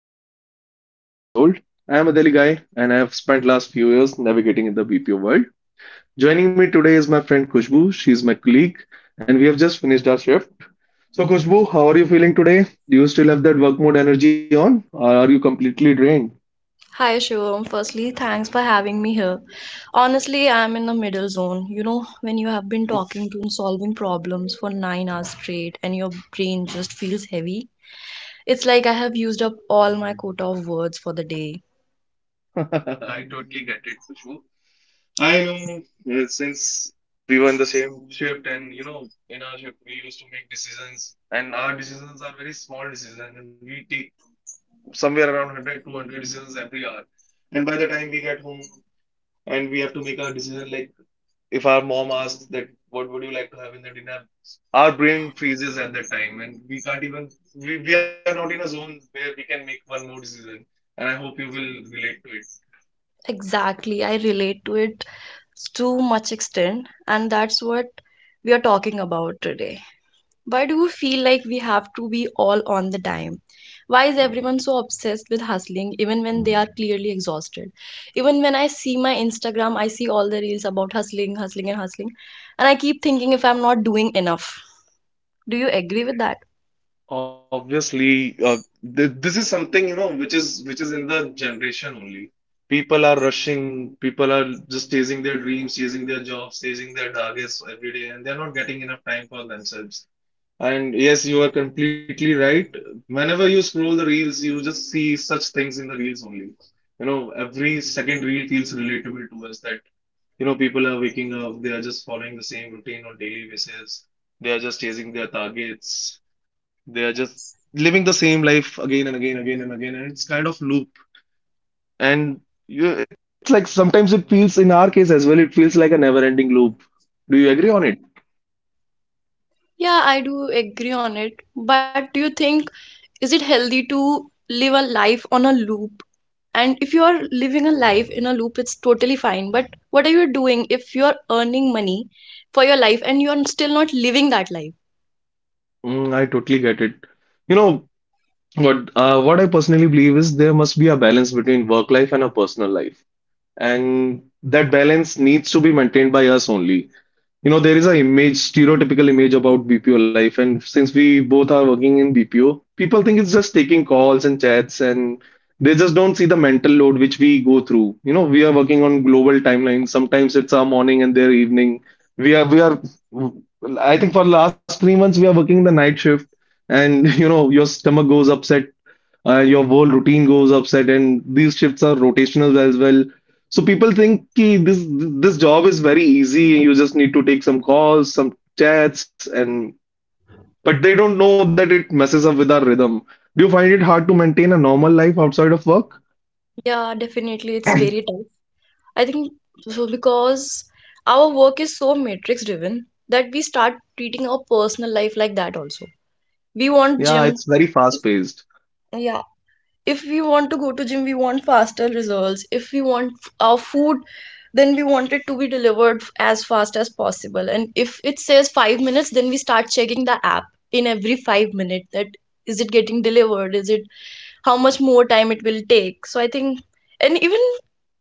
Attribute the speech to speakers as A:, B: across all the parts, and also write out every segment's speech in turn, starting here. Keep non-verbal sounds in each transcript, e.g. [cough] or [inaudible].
A: is Shivam and I'm 25 years old. I am a Delhi guy and I have spent last few years navigating in the BPO world. Joining me today is my friend Kushbu. She's my colleague and we have just finished our shift. So Kushbu, how are you feeling today? Do you still have that work mode energy on or are you completely drained?
B: Hi Shivam, firstly, thanks for having me here. Honestly, I'm in the middle zone. You know, when you have been talking to and solving problems for 9 hours straight and your brain just feels heavy, it's like I have used up all my quota of words for the day.
A: I [laughs] totally get it, Kushbu. I know since we were in the same shift, and you know, in our shift, we used to make decisions, and our decisions are very small decisions, and we take somewhere around 100, 200 decisions every hour. And by the time we get home, and we have to make our decision, like if our mom asks that, what would you like to have in the dinner? Our brain freezes at that time, and we can't even, we are not in a zone where we can make one more decision. And I hope you will relate.
B: Exactly, I relate to it to much extent, and that's what we are talking about today. Why do we feel like we have to be all on the time? Why is everyone so obsessed with hustling even when they are clearly exhausted? Even when I see my Instagram, I see all the reels about hustling, hustling, and hustling, and I keep thinking if I'm not doing enough. Do you agree with that?
A: Obviously, th this is something, you know, which is in the generation only. People are rushing, people are just chasing their dreams, chasing their jobs, chasing their targets every day, and they're not getting enough time for themselves. And yes, you are completely right. Whenever you scroll the reels, you just see such things in the reels only. You know, every second reel feels relatable to us that, you know, people are waking up, they are just following the same routine on daily basis, they are just chasing their targets, they are just living the same life again and again, and it's kind of loop. And you, it's like sometimes it feels, in our case as well, it feels like a never-ending loop. Do you agree on it?
B: Yeah, I do agree on it. But do you think, is it healthy to live a life on a loop? And if you are living a life in a loop, it's totally fine. But what are you doing if you are earning money for your life and you are still not living that life?
A: Mm, I totally get it. You know what? What I personally believe is there must be a balance between work life and a personal life, and that balance needs to be maintained by us only. You know, there is a image, stereotypical image about BPO life, and since we both are working in BPO, people think it's just taking calls and chats, and they just don't see the mental load which we go through. You know, we are working on global timelines. Sometimes it's our morning and their evening. We are, we are, I think for last 3 months we are working the night shift, and [laughs] you know, your stomach goes upset, your whole routine goes upset and these shifts are rotational as well, so people think ki this job is very easy. You just need to take some calls, some chats, and but they don't know that it messes up with our rhythm. Do you find it hard to maintain a normal life outside of work?
B: Yeah, definitely, it's very tough. I think so because our work is so matrix driven that we start treating our personal life like that also. We want
A: Yeah, it's
B: gym.
A: very fast
B: If-
A: paced.
B: Yeah. If we want to go to gym, we want faster results. If we want our food, then we want it to be delivered as fast as possible, and if it says 5 minutes, then we start checking the app in every 5 minutes, that is it getting delivered, is it, how much more time it will take. So I think, and even,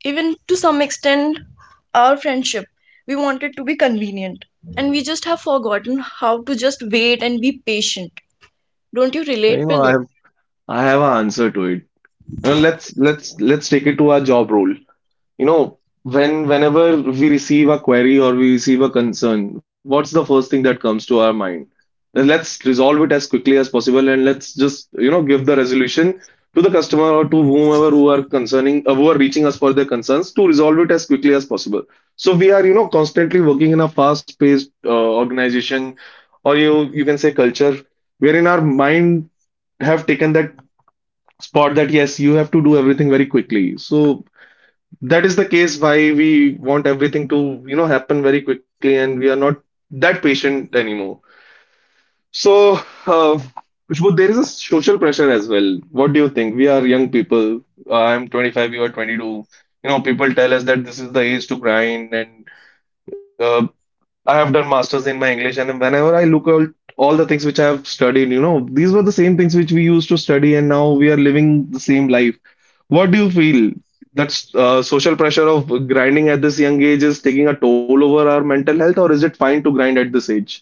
B: even to some extent, our friendship, we want it to be convenient, and we just have forgotten how to just wait and be patient. Don't you
A: You
B: relate
A: know,
B: with
A: I
B: it?
A: have I have an answer to it. You know, let's take it to our job role. You know, whenever we receive a query or we receive a concern, what's the first thing that comes to our mind? Then let's resolve it as quickly as possible and let's just, you know, give the resolution to the customer or to whomever who are concerning, who are reaching us for their concerns to resolve it as quickly as possible. So we are, you know, constantly working in a fast-paced organization, or you can say culture, wherein our mind have taken that spot that yes, you have to do everything very quickly. So that is the case why we want everything to, you know, happen very quickly and we are not that patient anymore. So, uh, Khushbu, there is a social pressure as well. What do you think? We are young people. I'm 25, you are 22. You know, people tell us that this is the age to grind, and uh, I have done masters in my English and whenever I look at all the things which I have studied, you know, these were the same things which we used to study and now we are living the same life. What do you feel? That's social pressure of grinding at this young age is taking a toll over our mental health, or is it fine to grind at this age?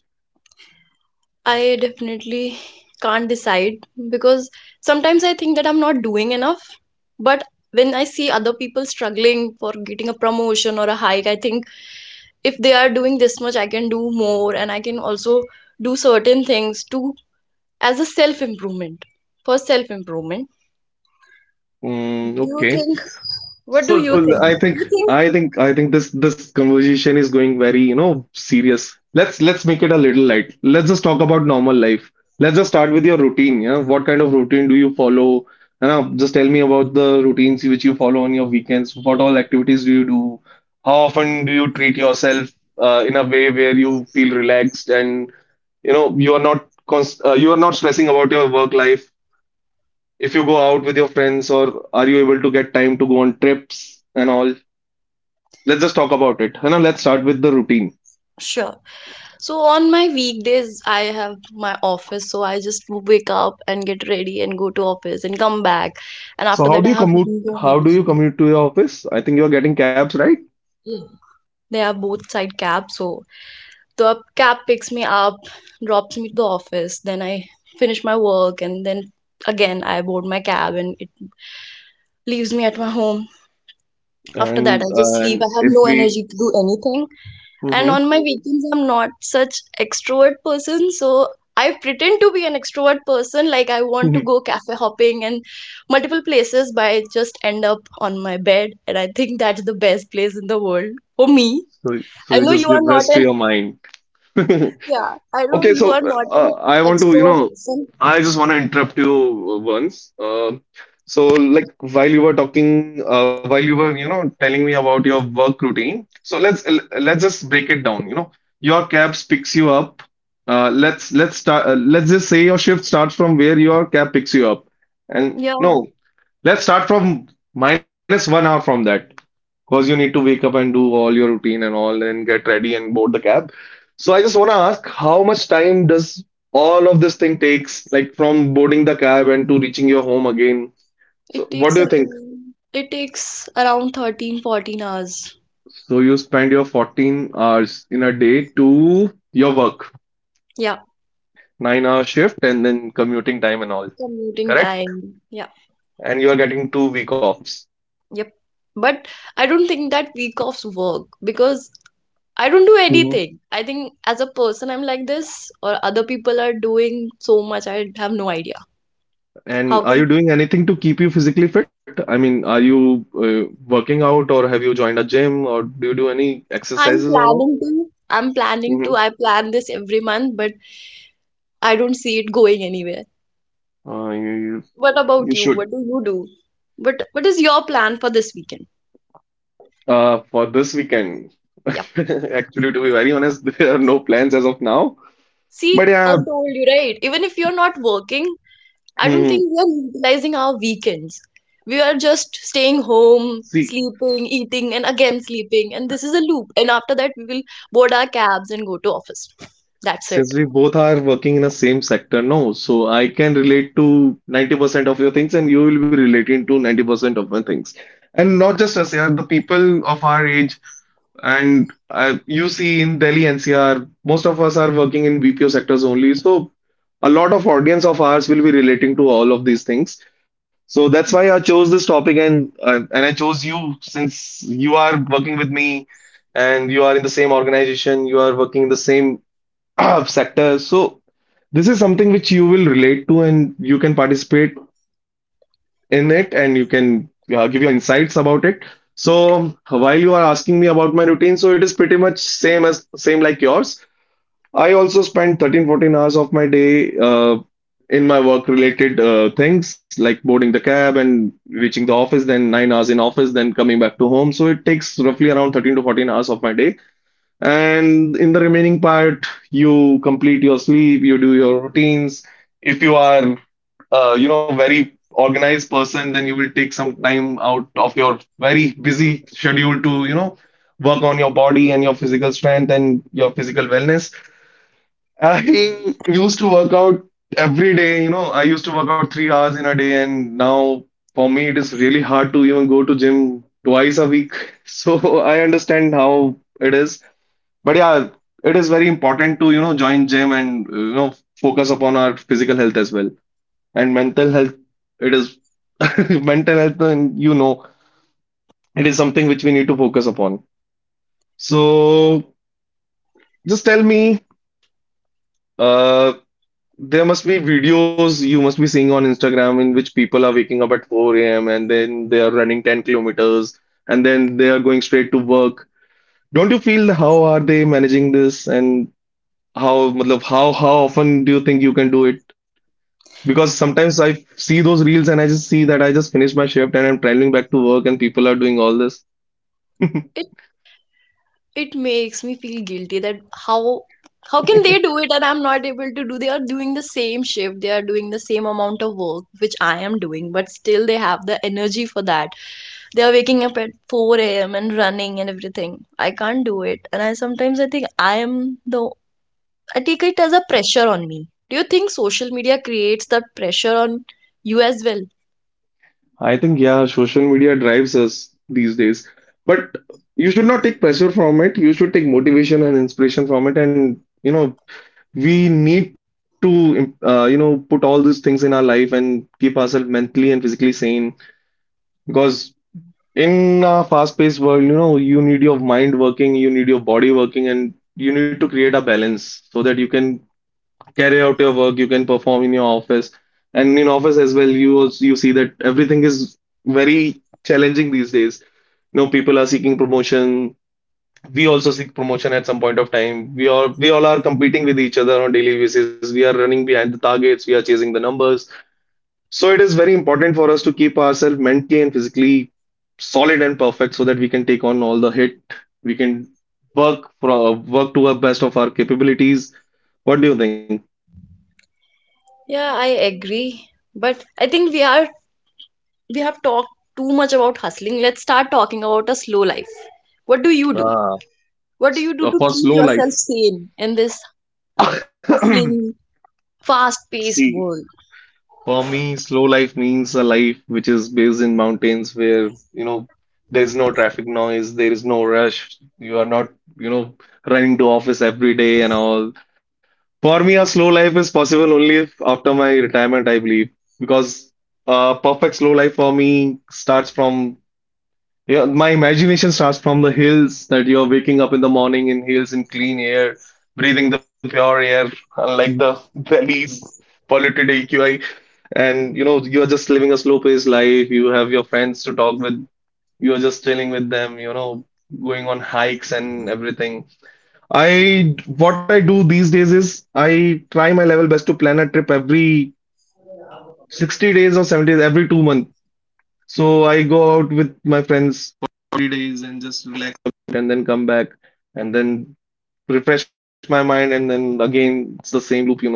B: I definitely can't decide because sometimes I think that I'm not doing enough. But when I see other people struggling for getting a promotion or a hike, I think if they are doing this much, I can do more, and I can also do certain things to, as a self improvement, for self improvement.
A: Mm,
B: Do you
A: okay.
B: think? What do
A: So,
B: you think?
A: so I
B: Do
A: think
B: you think?
A: I think this conversation is going very, you know, serious. Let's make it a little light. Let's just talk about normal life. Let's just start with your routine. Yeah, what kind of routine do you follow? You know, just tell me about the routines which you follow on your weekends. What all activities do you do? How often do you treat yourself in a way where you feel relaxed and you know you are not const you are not stressing about your work life. If you go out with your friends, or are you able to get time to go on trips and all? Let's just talk about it. You know, let's start with the routine.
B: Sure. So on my weekdays, I have my office, so I just wake up and get ready and go to office and come back. And after
A: So how
B: that, I
A: do you
B: have
A: commute?
B: no
A: How do you
B: energy.
A: commute to your office? I think you are getting cabs, right?
B: Hmm. They are both side cab, so the cab picks me up, drops me to the office. Then I finish my work, and then again I board my cab, and it leaves me at my home. After that, I just sleep.
A: And
B: I have
A: if
B: no
A: we,
B: energy to do anything. And
A: hmm.
B: on my weekends, I'm not such extrovert person, so I pretend to be an extrovert person, like I want to
A: [laughs]
B: go cafe hopping and multiple places, but I just end up on my bed, and I think that's the best place in the world for me.
A: So so
B: i
A: you
B: know
A: just
B: you
A: give
B: are not
A: rest to
B: an
A: your mind. [laughs]
B: yeah I know
A: Okay,
B: you
A: so
B: are not an
A: I want to, you
B: extrovert
A: know,
B: person.
A: I just want to interrupt you once. So, like, while you were talking, while you were, you know, telling me about your work routine, so let's just break it down. You know, your cab picks you up. Let's start. Let's just say your shift starts from where your cab picks you up, and
B: Yeah,
A: no, let's start from minus 1 hour from that. Because you need to wake up and do all your routine and all, and get ready and board the cab. So I just want to ask, how much time does all of this thing takes, like from boarding the cab and to reaching your home again? So
B: it
A: what
B: takes
A: do you think?
B: around it takes around 13-14 hours.
A: So you spend your 14 hours in a day to your work,
B: Yeah,
A: 9 hour shift, and then commuting time and all,
B: commuting
A: correct?
B: time. Yeah.
A: And you are getting 2 week offs.
B: Yep. But I don't think that week offs work because I don't do anything. I think as a person, I'm like this, or other people are doing so much, I have no idea.
A: And
B: How
A: are you
B: can
A: doing anything to keep you physically fit? I mean, are you working out or have you joined a gym or do you do any
B: I'm
A: exercises or all?
B: planning to.
A: Mm-hmm.
B: I plan this every month, but I don't see it going anywhere.
A: You
B: What
A: you
B: about you?
A: should.
B: What do you do? What is your plan for this weekend?
A: For this weekend, [laughs]
B: Yep.
A: actually, to be very honest, [laughs] there are no plans as of now. But
B: See,
A: yeah,
B: I told you, right? Even if you're not working, I don't
A: hmm,
B: think we are utilizing our weekends. We are just staying home,
A: see,
B: sleeping, eating, and again sleeping. And this is a loop. And after that, we will board our cabs and go to office. That's it.
A: since we both are working in the same sector, no, so I can relate to 90% of your things and you will be relating to 90% of my things. And not just us, yeah, the people of our age. And you see in Delhi NCR, most of us are working in BPO sectors only. So a lot of audience of ours will be relating to all of these things. So that's why I chose this topic, and I chose you since you are working with me and you are in the same organization, you are working in the same [clears throat] sector. So this is something which you will relate to and you can participate in it and you can give your insights about it. So while you are asking me about my routine, so it is pretty much same as same like yours. I also spend 13 14 hours of my day in my work related things like boarding the cab and reaching the office, then 9 hours in office, then coming back to home. So it takes roughly around 13 to 14 hours of my day. And in the remaining part, you complete your sleep, you do your routines. If you are, You know, very organized person, then you will take some time out of your very busy schedule to, you know, work on your body and your physical strength and your physical wellness. I used to work out every day, you know, I used to work out 3 hours in a day, and now for me it is really hard to even go to gym twice a week. [laughs] So I understand how it is, but yeah, it is very important to, you know, join gym and, you know, focus upon our physical health as well. And mental health, it is [laughs] mental health, and you know, it is something which we need to focus upon. So just tell me, uh, there must be videos you must be seeing on Instagram in which people are waking up at 4 a.m. and then they are running 10 kilometers and then they are going straight to work. Don't you feel how are they managing this? And how, matlab, how often do you think you can do it? Because sometimes I see those reels and I just see that I just finished my shift and I'm traveling back to work and people are doing all this.
B: It it makes me feel guilty that how how can they do it and I'm not able to do? They are doing the same shift. They are doing the same amount of work which I am doing, but still they have the energy for that. They are waking up at 4 a.m. and running and everything. I can't do it. And I sometimes I think I am the I take it as a pressure on me. Do you think social media creates that pressure on you as well?
A: I think yeah, social media drives us these days. But you should not take pressure from it. You should take motivation and inspiration from it. And you know, we need to you know put all these things in our life and keep ourselves mentally and physically sane because in a fast-paced world, you know, you need your mind working, you need your body working, and you need to create a balance so that you can carry out your work, you can perform in your office, and in office as well. You also, you see that everything is very challenging these days. You know, people are seeking promotion. We also seek promotion at some point of time. We all are competing with each other on a daily basis. We are running behind the targets. We are chasing the numbers, so it is very important for us to keep ourselves mentally and physically solid and perfect so that we can take on all the hit. We can work from work to our best of our capabilities. What do you think?
B: Yeah, I agree. But I think we have talked too much about hustling. Let's start talking about a slow life. What do you do?
A: Ah,
B: What do you do to
A: For
B: keep
A: slow
B: yourself
A: life.
B: sane in this
A: [coughs]
B: hustling,
A: [clears throat]
B: fast-paced
A: See,
B: world?
A: for me, slow life means a life which is based in mountains where, you know, there's no traffic noise, there is no rush, you are not, you know, running to office every day and all. For me, a slow life is possible only if after my retirement, I believe, because a perfect slow life for me starts from yeah, my imagination starts from the hills that you're waking up in the morning in hills in clean air, breathing the pure air, unlike the [laughs] Delhi's polluted AQI. And you know, you are just living a slow-paced life. You have your friends to talk with. You are just chilling with them, you know, going on hikes and everything. I what I do these days is I try my level best to plan a trip every 60 days or 70 days, every 2 months. So I go out with my friends for 40 days and just relax a bit and then come back and then refresh my mind, and then again it's the same loop, you know.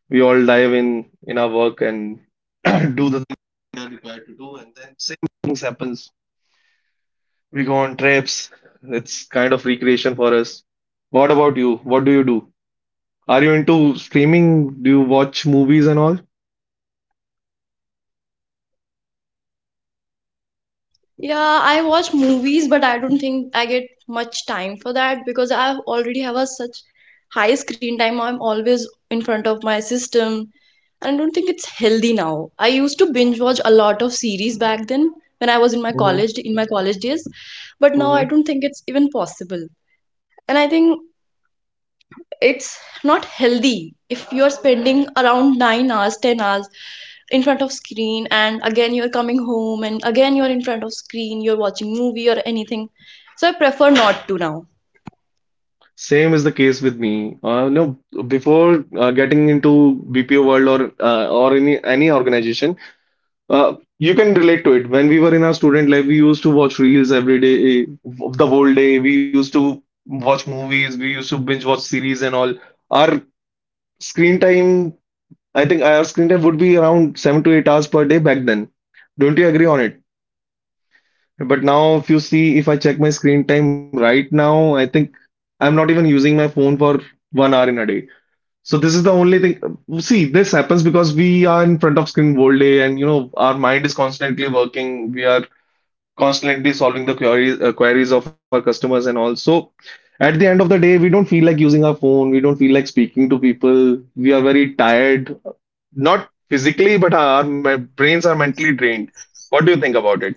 A: We all dive in our work and [clears throat] do the things we are required to do, and then same things happens. We go on trips. It's kind of recreation for us. What about you? What do you do? Are you into streaming? Do you watch movies and all?
B: Yeah, I watch movies, but I don't think I get much time for that because I already have a such high screen time. I'm always in front of my system, and I don't think it's healthy now. I used to binge watch a lot of series back then when I was
A: hmm
B: in my college days, but now I
A: hmm
B: don't think it's even possible. And I think it's not healthy if you are spending around 9 hours 10 hours in front of screen and again you're coming home and again you're in front of screen, you're watching movie or anything, so I prefer not to now.
A: Same is the case with me. No, before getting into BPO world or any organization, you can relate to it. When we were in our student life, we used to watch reels every day, the whole day. We used to watch movies, we used to binge watch series and all. Our screen time, I think our screen time would be around 7 to 8 hours per day back then. Don't you agree on it? But now, if you see, if I check my screen time right now, I think I'm not even using my phone for 1 hour in a day. So this is the only thing. See, this happens because we are in front of screen whole day, and you know our mind is constantly working. We are constantly solving the queries, queries of our customers, and also at the end of the day we don't feel like using our phone, we don't feel like speaking to people, we are very tired, not physically, but our my brains are mentally drained. What do you think about it?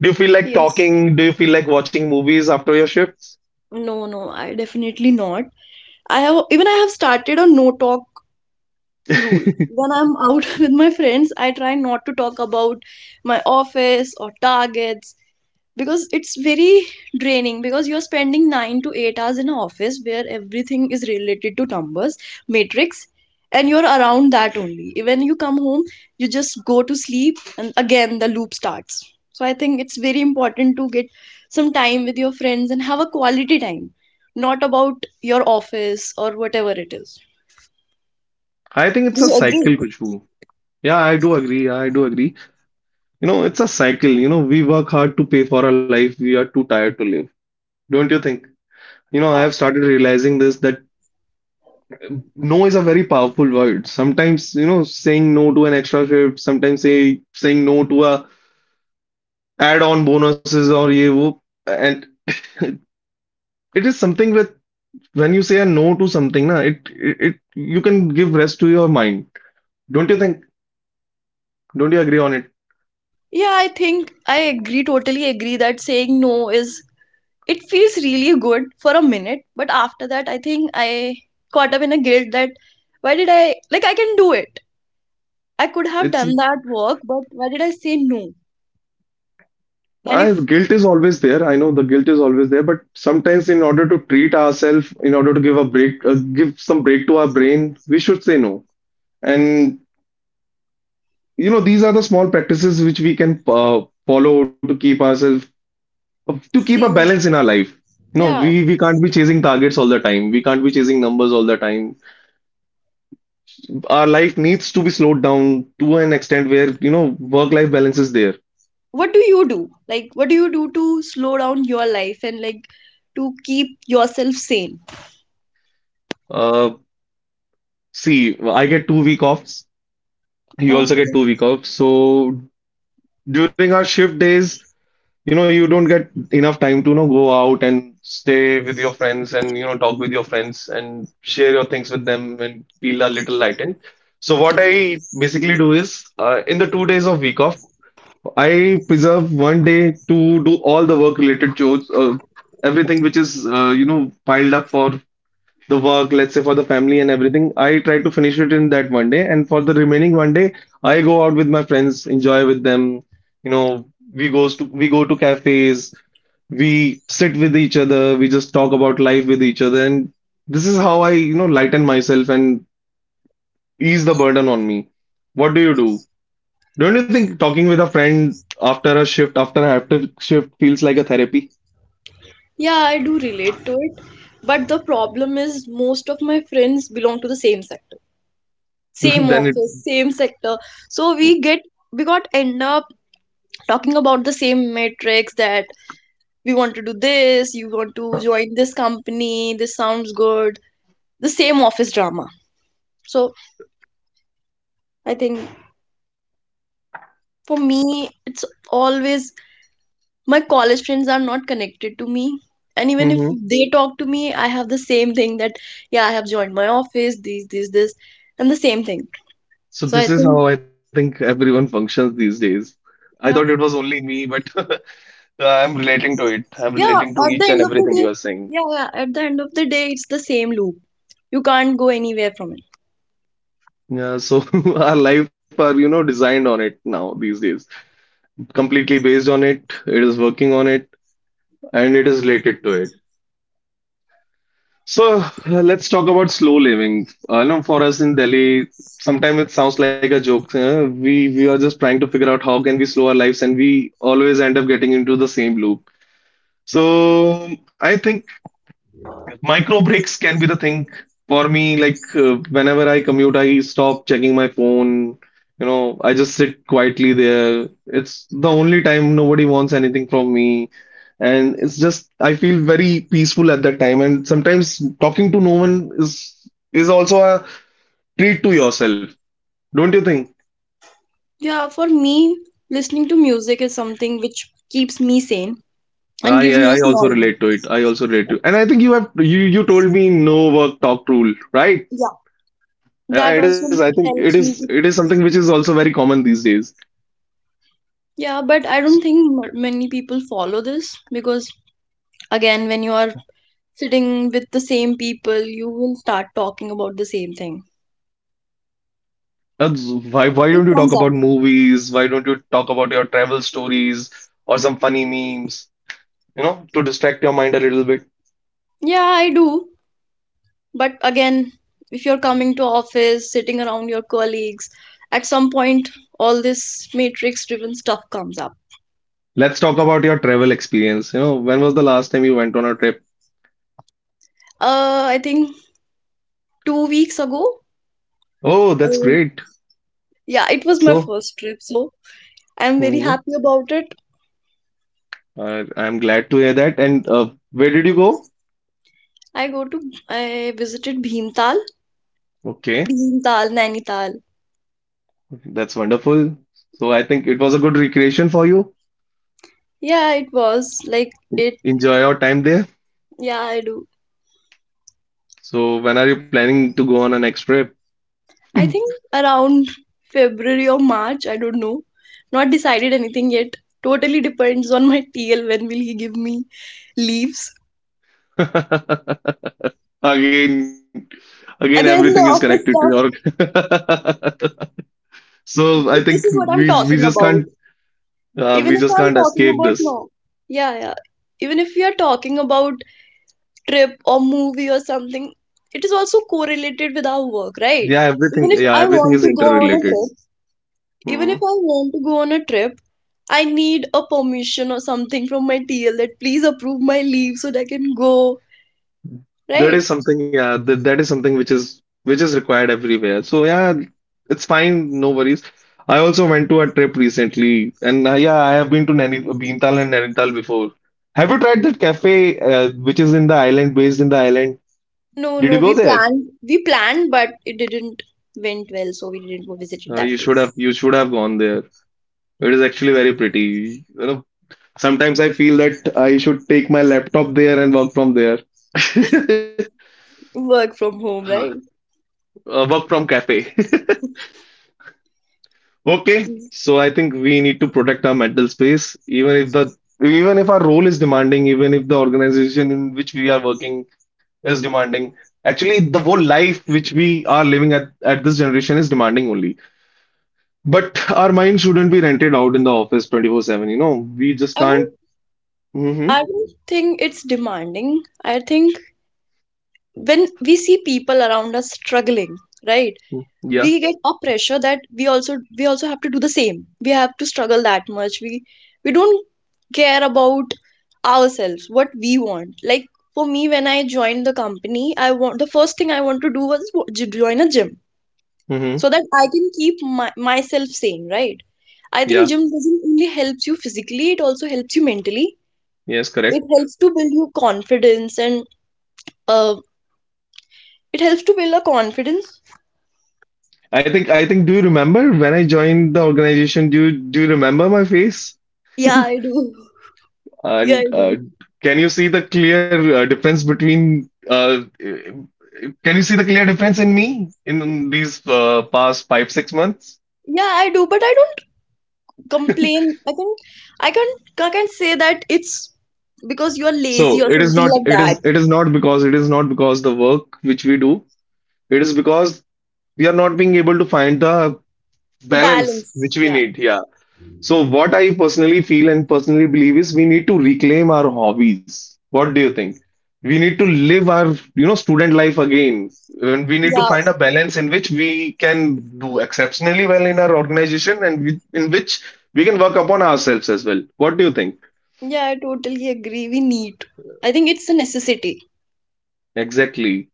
A: Do you feel like
B: yes
A: talking? Do you feel like watching movies after your shifts?
B: no, no, I definitely not. I have started a no talk rule.
A: [laughs]
B: When I'm out [laughs] with my friends, I try not to talk about my office or targets because it's very draining, because you're spending 9 to 8 hours in an office where everything is related to numbers, matrix, and you're around that only. When you come home, you just go to sleep, and again the loop starts. So I think it's very important to get some time with your friends and have a quality time, not about your office or whatever it is.
A: I think
B: Do
A: it's a
B: you
A: cycle,
B: agree?
A: Kushbu. Yeah, I do agree. Yeah, I do agree. You know, it's a cycle. You know, we work hard to pay for our life. We are too tired to live. Don't you think? You know, I
B: Yeah,
A: have started realizing this that no is a very powerful word. Sometimes, you know, saying no to an extra shift, sometimes saying no to a add-on bonuses or ye wo, and [laughs] it is something that when you say a no to something, na, it you can give rest to your mind. Don't you think? Don't you agree on it?
B: yeah, I think I agree, totally agree that saying no is, it feels really good for a minute, but after that I think I caught up in a guilt that, why did I, like, I can do it, I could have
A: It's
B: done that work, but why did I say no? And
A: I
B: if,
A: guilt is always there. I know the guilt is always there, but sometimes in order to treat ourselves, in order to give a break, give some break to our brain, we should say no. And you know these are the small practices which we can follow to keep ourselves to keep a
B: see,
A: balance in our life. You know
B: yeah,
A: we can't be chasing targets all the time, we can't be chasing numbers all the time, our life needs to be slowed down to an extent where you know work life balance is there.
B: what do you do, like, what do you do to slow down your life and, like, to keep yourself sane?
A: uh See, I get 2 week offs, you also
B: Oh,
A: get 2 week off, so during our shift days, you know, you don't get enough time to, you know, go out and stay with your friends and, you know, talk with your friends and share your things with them and feel a little lightened. So what I basically do is, in the 2 days of week off, I preserve one day to do all the work related chores, everything which is, you know, piled up for the work, let's say for the family and everything, I try to finish it in that one day. And for the remaining one day, I go out with my friends, enjoy with them. You know, we go to cafes, we sit with each other, we just talk about life with each other, and this is how I, you know, lighten myself and ease the burden on me. What do you do? Don't you think talking with a friend after a shift, after shift feels like a therapy?
B: yeah, I do relate to it. But the problem is most of my friends belong to the same sector,
A: [laughs]
B: same
A: Then it.
B: office, same sector. So we get, we got end up talking about the same matrix, that we want to do this, you want to join this company, this sounds good, the same office drama. So I think for me, it's always, my college friends are not connected to me. And even if
A: Mhm.
B: they talk to me, I have the same thing that, yeah, I have joined my office, this, and the same thing.
A: So
B: So I
A: this is
B: think,
A: how I think everyone functions these days. I thought it
B: yeah,
A: was only me, but [laughs] I'm relating to it. I'm
B: yeah,
A: relating to
B: at
A: each
B: the
A: and
B: end of the
A: everything
B: day,
A: you are saying.
B: yeah, yeah, at the end of the day, it's the same loop. You can't go anywhere from it.
A: Yeah, so [laughs] our life are, you know, designed on it now these days. Completely based on it, it is working on it, and it is related to it. So let's talk about slow living. I know for us in Delhi, sometimes it sounds like a joke. We are just trying to figure out how can we slow our lives, and we always end up getting into the same loop. So I think micro breaks can be the thing for me. Like whenever I commute, I stop checking my phone. You know, I just sit quietly there. It's the only time nobody wants anything from me. And it's just I feel very peaceful at that time. And sometimes talking to no one is also a treat to yourself. Don't you think?
B: Yeah, for me, listening to music is something which keeps me sane and
A: I
B: gives
A: I
B: me a
A: I also
B: small
A: relate to it.
B: boost.
A: I also relate to it. And I think you have you you told me no work talk rule, right?
B: Yeah,
A: Yeah,
B: that
A: it is.
B: also
A: I think it
B: helps
A: is.
B: me.
A: It is something which is also very common these days.
B: Yeah, but I don't think many people follow this because, again, when you are sitting with the same people, you will start talking about the same thing.
A: That's- why don't
B: It
A: you talk
B: comes
A: about
B: up.
A: movies? Why don't you talk about your travel stories or some funny memes, you know, to distract your mind a little bit?
B: Yeah, I do. But again, if you're coming to office, sitting around your colleagues, at some point, all this matrix-driven stuff comes up.
A: Let's talk about your travel experience. You know, when was the last time you went on a trip?
B: I think 2 weeks ago.
A: Oh, that's
B: Um,
A: great.
B: yeah, it was my
A: So,
B: first trip, so I'm very
A: hmm
B: happy about it.
A: I'm glad to hear that. And where did you go?
B: I go to I visited Bhimtal,
A: Okay,
B: Bhimtal, Nainital.
A: that's wonderful. So, I think it was a good recreation for you.
B: Yeah, it was like it.
A: Enjoy your time there.
B: Yeah, I do.
A: So, when are you planning to go on a next trip?
B: I think around February or March. I don't know. Not decided anything yet. Totally depends on my TL when will he give me leaves.
A: [laughs] Again, again, everything
B: Again,
A: is
B: the
A: connected to
B: office
A: your.
B: stuff.
A: [laughs] So I
B: But
A: think
B: this is
A: we
B: what I'm
A: we just
B: talking
A: can't
B: about.
A: we
B: Even if
A: just can't
B: I'm talking
A: escape
B: about
A: this.
B: no. Yeah, yeah. Even if we are talking about trip or movie or something, it is also correlated with our work, right?
A: Yeah,
B: Even
A: everything.
B: if
A: Yeah,
B: I
A: everything
B: want
A: is
B: to go on a
A: interrelated.
B: trip, Even
A: Hmm
B: if I want to go on a trip, I need a permission or something from my TL that please approve my leave so that I can go,
A: That is
B: right?
A: something. Yeah, that is something which is required everywhere. So yeah, it's fine. No worries. I also went to a trip recently, and yeah, I have been to Naini Bhimtal and Nainital before. Have you tried that cafe which is in the island, based in the island? Did you
B: No,
A: go
B: no,
A: there?
B: we planned, but it didn't went well, so we didn't go visited
A: You
B: that
A: should have.
B: place.
A: You should have gone there. It is actually very pretty. You know, sometimes I feel that I should take my laptop there and work from there. [laughs]
B: Work from home,
A: Ah,
B: right?
A: Work from cafe. [laughs] Okay,
B: Mm.
A: so I think we need to protect our mental space, even if the even if our role is demanding, even if the organization in which we are working is demanding. Actually, the whole life which we are living at this generation is demanding only. But our mind shouldn't be rented out in the office 24/7. We just
B: I don't,
A: can't. Hmm.
B: I don't think it's demanding. I think when we see people around us struggling, right?
A: Yeah.
B: We get a pressure that we also have to do the same. We have to struggle that much. We don't care about ourselves, what we want. Like for me, when I joined the company, I want the first thing I want to do was join a gym so
A: Mm-hmm.
B: that I can keep myself sane, right? I think
A: Yeah,
B: gym doesn't only helps you physically, it also helps you mentally.
A: yes,
B: It
A: correct.
B: helps to build your confidence and uh it helps to build a confidence.
A: I think do you remember when I joined the organization? Do you remember my face?
B: Yeah, I
A: [laughs]
B: do. [laughs] Yeah, I
A: And
B: do.
A: can you see the clear difference between can you see the clear difference in me in these past 5, 6 months?
B: Yeah, I do, but I don't complain. I can I can say that it's because you are lazy
A: So
B: or
A: it is
B: something
A: not
B: like
A: it is
B: that.
A: it is not because it is not because the work which we do, it is because we are not being able to find the balance
B: Balance,
A: which we
B: yeah.
A: need. Yeah. So, what I personally feel and personally believe is we need to reclaim our hobbies. What do you think? We need to live our, student life again. And we need to
B: Yeah,
A: find a balance in which we can do exceptionally well in our organization and in which we can work upon ourselves as well. What do you think?
B: yeah, I totally agree. We need I think it's a necessity.
A: Exactly.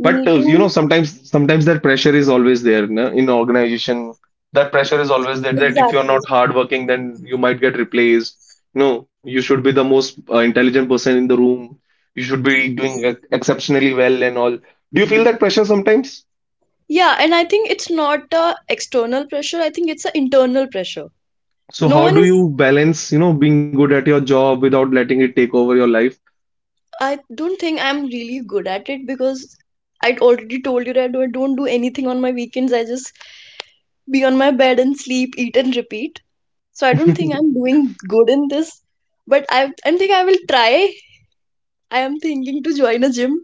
B: We
A: But
B: need to,
A: sometimes that pressure is always there, no, in organization. That pressure is always there that if you're
B: exactly.
A: not hardworking, then you might get replaced. No, you should be the most intelligent person in the room. You should be doing exceptionally well and all. Do you feel that pressure sometimes?
B: Yeah, and I think it's not a external pressure, I think it's an internal pressure. No
A: So
B: one
A: how
B: is.
A: do you balance, being good at your job without letting it take over your life?
B: I don't think I'm really good at it, because I already told you that I don't do anything on my weekends. I just be on my bed and sleep, eat, and repeat. So I don't think
A: [laughs]
B: I'm doing good in this. But I think I will try. I am thinking to join a gym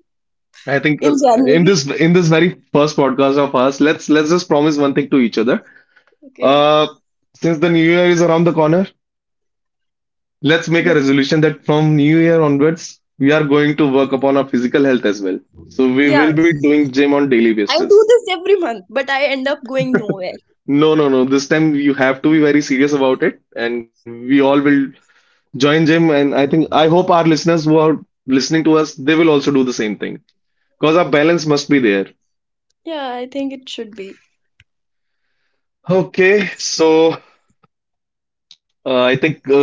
A: I
B: in
A: think
B: January.
A: in this very first podcast of us, let's just promise one thing to each other.
B: [laughs] Okay.
A: Uh, since the new year is around the corner, let's make
B: Yep.
A: a resolution that from New Year onwards, we are going to work upon our physical health as well. So
B: Yeah,
A: we will be doing gym on daily
B: I do
A: basis.
B: this every month, but I end up going nowhere.
A: No, no, no. This time you have to be very serious about it, and we all will join gym. And I think I hope our listeners who are listening to us, they will also do the same thing because our balance must be there.
B: Yeah, I think it should be.
A: Okay, so I think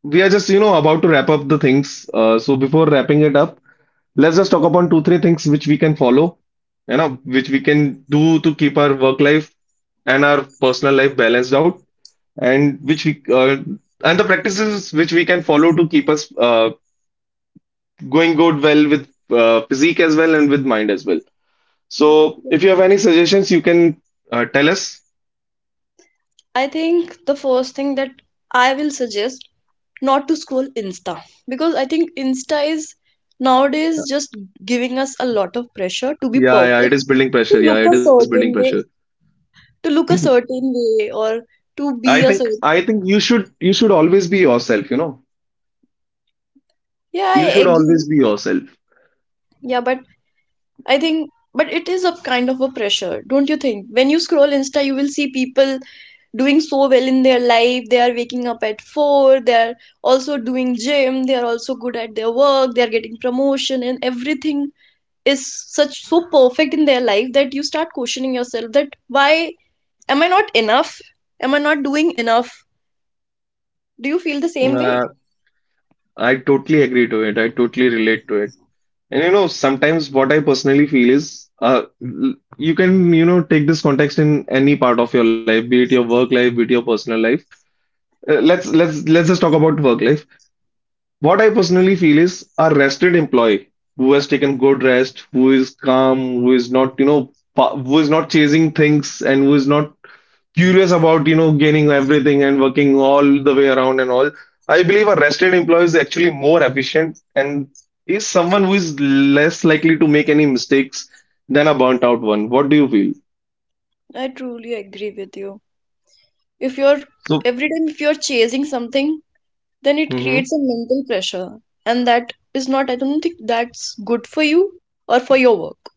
A: we are just about to wrap up the things. So before wrapping it up, let's just talk upon two, three things which we can follow, which we can do to keep our work life and our personal life balanced out, and which we uh, and the practices which we can follow to keep us going good well with physique as well and with mind as well. So, if you have any suggestions, you can tell us.
B: I think the first thing that I will suggest, not to scroll Insta, because I think Insta is nowadays just giving us a lot of pressure to be
A: Yeah, yeah,
B: perfect,
A: it is building
B: to
A: pressure.
B: look
A: Yeah,
B: a
A: it is building
B: certain way.
A: pressure.
B: to look a certain way or to
A: I
B: be a
A: think
B: certain.
A: I think you should always be yourself, you know.
B: Yeah,
A: You
B: I
A: should always
B: agree.
A: be yourself.
B: Yeah, but I think, but it is a kind of a pressure, don't you think? When you scroll Insta, you will see people doing so well in their life. They are waking up at four, they are also doing gym, they are also good at their work, they are getting promotion, and everything is such so perfect in their life that you start questioning yourself that why am I not enough? Am I not doing enough? Do you feel the same way?
A: Uh, I totally agree to it. I totally relate to it. And sometimes what I personally feel is, you can, take this context in any part of your life, be it your work life, be it your personal life. Let's just talk about work life. What I personally feel is a rested employee who has taken good rest, who is calm, who is not, who is not chasing things and who is not curious about, gaining everything and working all the way around and all. I believe a rested employee is actually more efficient and is someone who is less likely to make any mistakes than a burnt out one. What do you feel?
B: I truly agree with you. If you're,
A: So,
B: every time if you're chasing something, then it
A: hmm
B: creates a mental pressure, and that is not, I don't think that's good for you or for your work.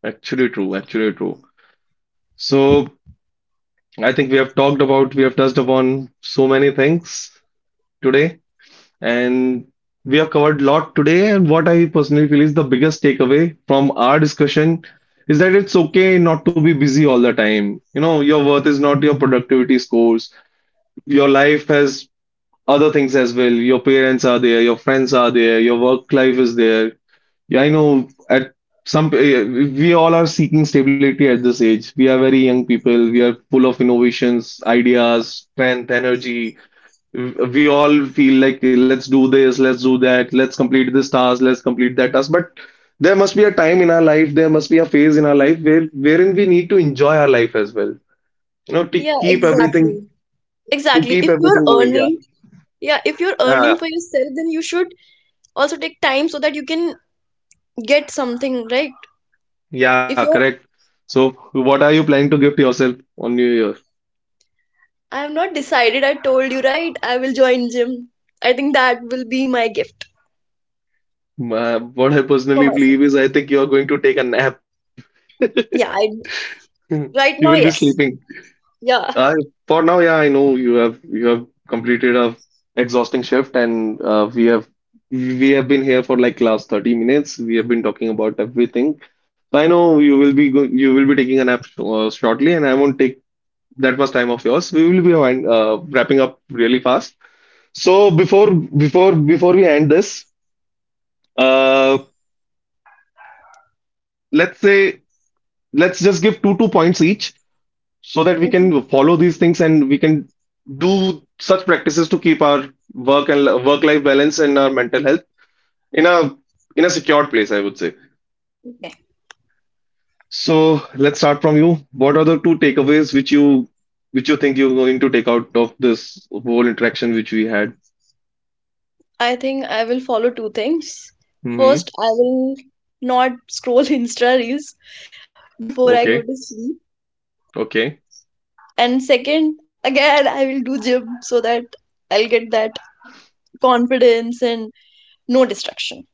A: actually true, actually true. So I think we have we have touched upon so many things today, and we have covered a lot today. And what I personally feel is the biggest takeaway from our discussion is that it's okay not to be busy all the time. You know, your worth is not your productivity scores. Your life has other things as well. Your parents are there, your friends are there, your work life is there. Yeah, I know at some we all are seeking stability at this age. We are very young people. We are full of innovations, ideas, strength, energy, we all feel like let's do this, let's do that, let's complete this task, let's complete that task, but there must be a time in our life, there must be a phase in our life wherein we need to enjoy our life as well, know to
B: Yeah,
A: keep
B: exactly.
A: everything to
B: Exactly.
A: keep
B: If you're
A: everything going. Yeah.
B: earning, yeah, if you're earning
A: Yeah,
B: for yourself, then you should also take time so that you can get something, right?
A: yeah,
B: If you're,
A: correct. So what are you planning to give to yourself on new year?
B: I have not decided, I told you, right? I will join gym. I think that will be my gift
A: What I
B: for
A: personally
B: myself.
A: believe is I think you are going to take a nap.
B: Yeah, I,
A: [laughs]
B: right
A: You
B: now,
A: will be
B: yes.
A: sleeping.
B: Yeah.
A: I For now, yeah, I know you have completed a exhausting shift, and we have been here for like last 30 minutes. We have been talking about everything. So I know you will be go you will be taking a nap shortly, and I won't take that much time of yours. We will be wrapping up really fast. So before we end this, uh, let's say, let's just give two points each so that we can
B: Okay.
A: follow these things and we can do such practices to keep our work and work life balance and our mental health in a secured place, I would say. So let's start from you. What are the two takeaways which you think you're going to take out of this whole interaction which we had?
B: I think I will follow two things. First,
A: Hmm.
B: I will not scroll [laughs] Insta reels before
A: Okay.
B: I go to sleep.
A: Okay.
B: And second, again, I will do gym so that I'll get that confidence and no distraction.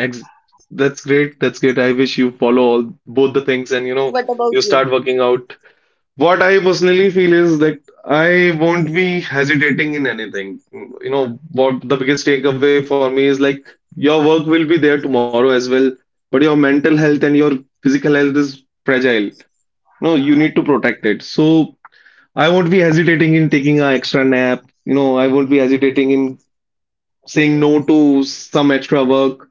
A: Ex- that's great. That's great. I wish you follow all both the things, and you know
B: What
A: you
B: about you?
A: start working out. What I personally feel is that I won't be hesitating in anything. You know, what the biggest takeaway for me is like your work will be there tomorrow as well, but your mental health and your physical health is fragile. No, you need to protect it. So I won't be hesitating in taking an extra nap. You know, I won't be hesitating in saying no to some extra work.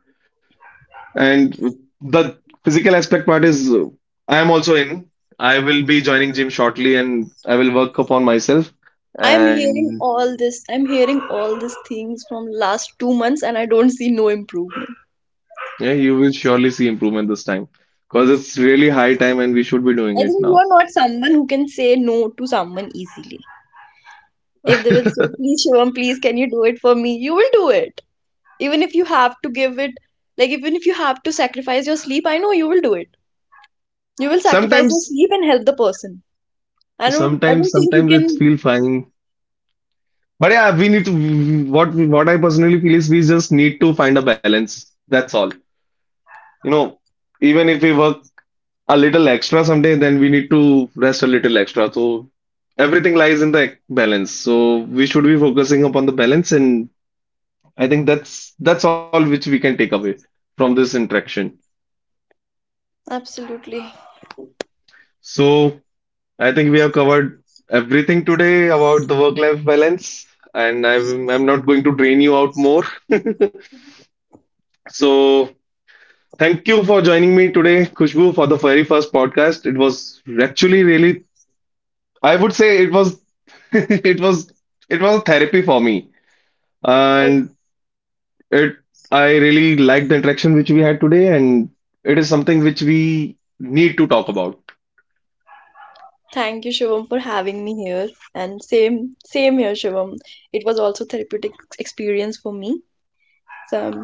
A: And the physical aspect part is, I am also in. I will be joining gym shortly and I will work upon myself.
B: I'm hearing
A: And
B: all this, I'm hearing all these things from last 2 months, and I don't see no improvement.
A: yeah, you will surely see improvement this time because it's really high time and we should be
B: I
A: doing it
B: think you
A: now.
B: are not someone who can say no to someone easily. If they will say,
A: [laughs]
B: please, Shivam, please, can you do it for me? You will do it. Even if you have to give it, like, even if you have to sacrifice your sleep, I know you will do it. You will sacrifice your
A: Sometimes,
B: sleep and help the person. I
A: sometimes,
B: don't think
A: sometimes
B: you
A: it
B: can.
A: feel fine. But yeah, we need to what I personally feel is we just need to find a balance. That's all. You know, even if we work a little extra someday, then we need to rest a little extra. So everything lies in the balance. So we should be focusing upon the balance, and I think that's all which we can take away from this interaction.
B: Absolutely.
A: So I think we have covered everything today about the work-life balance, and
B: Mhm.
A: I'm not going to drain you out more. [laughs] So thank you for joining me today, Khushbu, for the very first podcast. It was actually really, I would say it was [laughs] it was it was therapy for me,
B: Oh,
A: and it I really liked the interaction which we had today, and it is something which we need to talk about.
B: thank you, Shivam, for having me here. And same, same here, Shivam. It was also therapeutic experience for me. So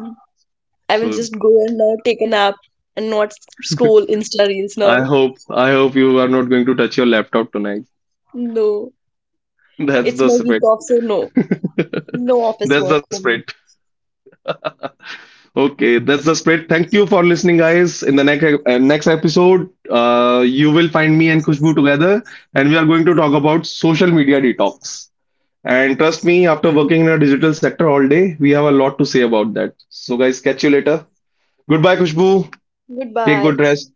B: I will
A: So
B: just go and take a nap and not scroll Insta reels now.
A: i hope I hope you are not going to touch your laptop tonight.
B: No,
A: [laughs] That's
B: it's
A: the
B: my week
A: spirit.
B: off, so no.
A: [laughs]
B: No office
A: That's the
B: work for me.
A: spirit. Okay, that's the spirit. Thank you for listening, guys. In the next episode, you will find me and Kushbu together, and we are going to talk about social media detox. And trust me, after working in a digital sector all day, we have a lot to say about that. So, guys, catch you later. Goodbye, Kushbu. Take good
B: Goodbye.
A: rest.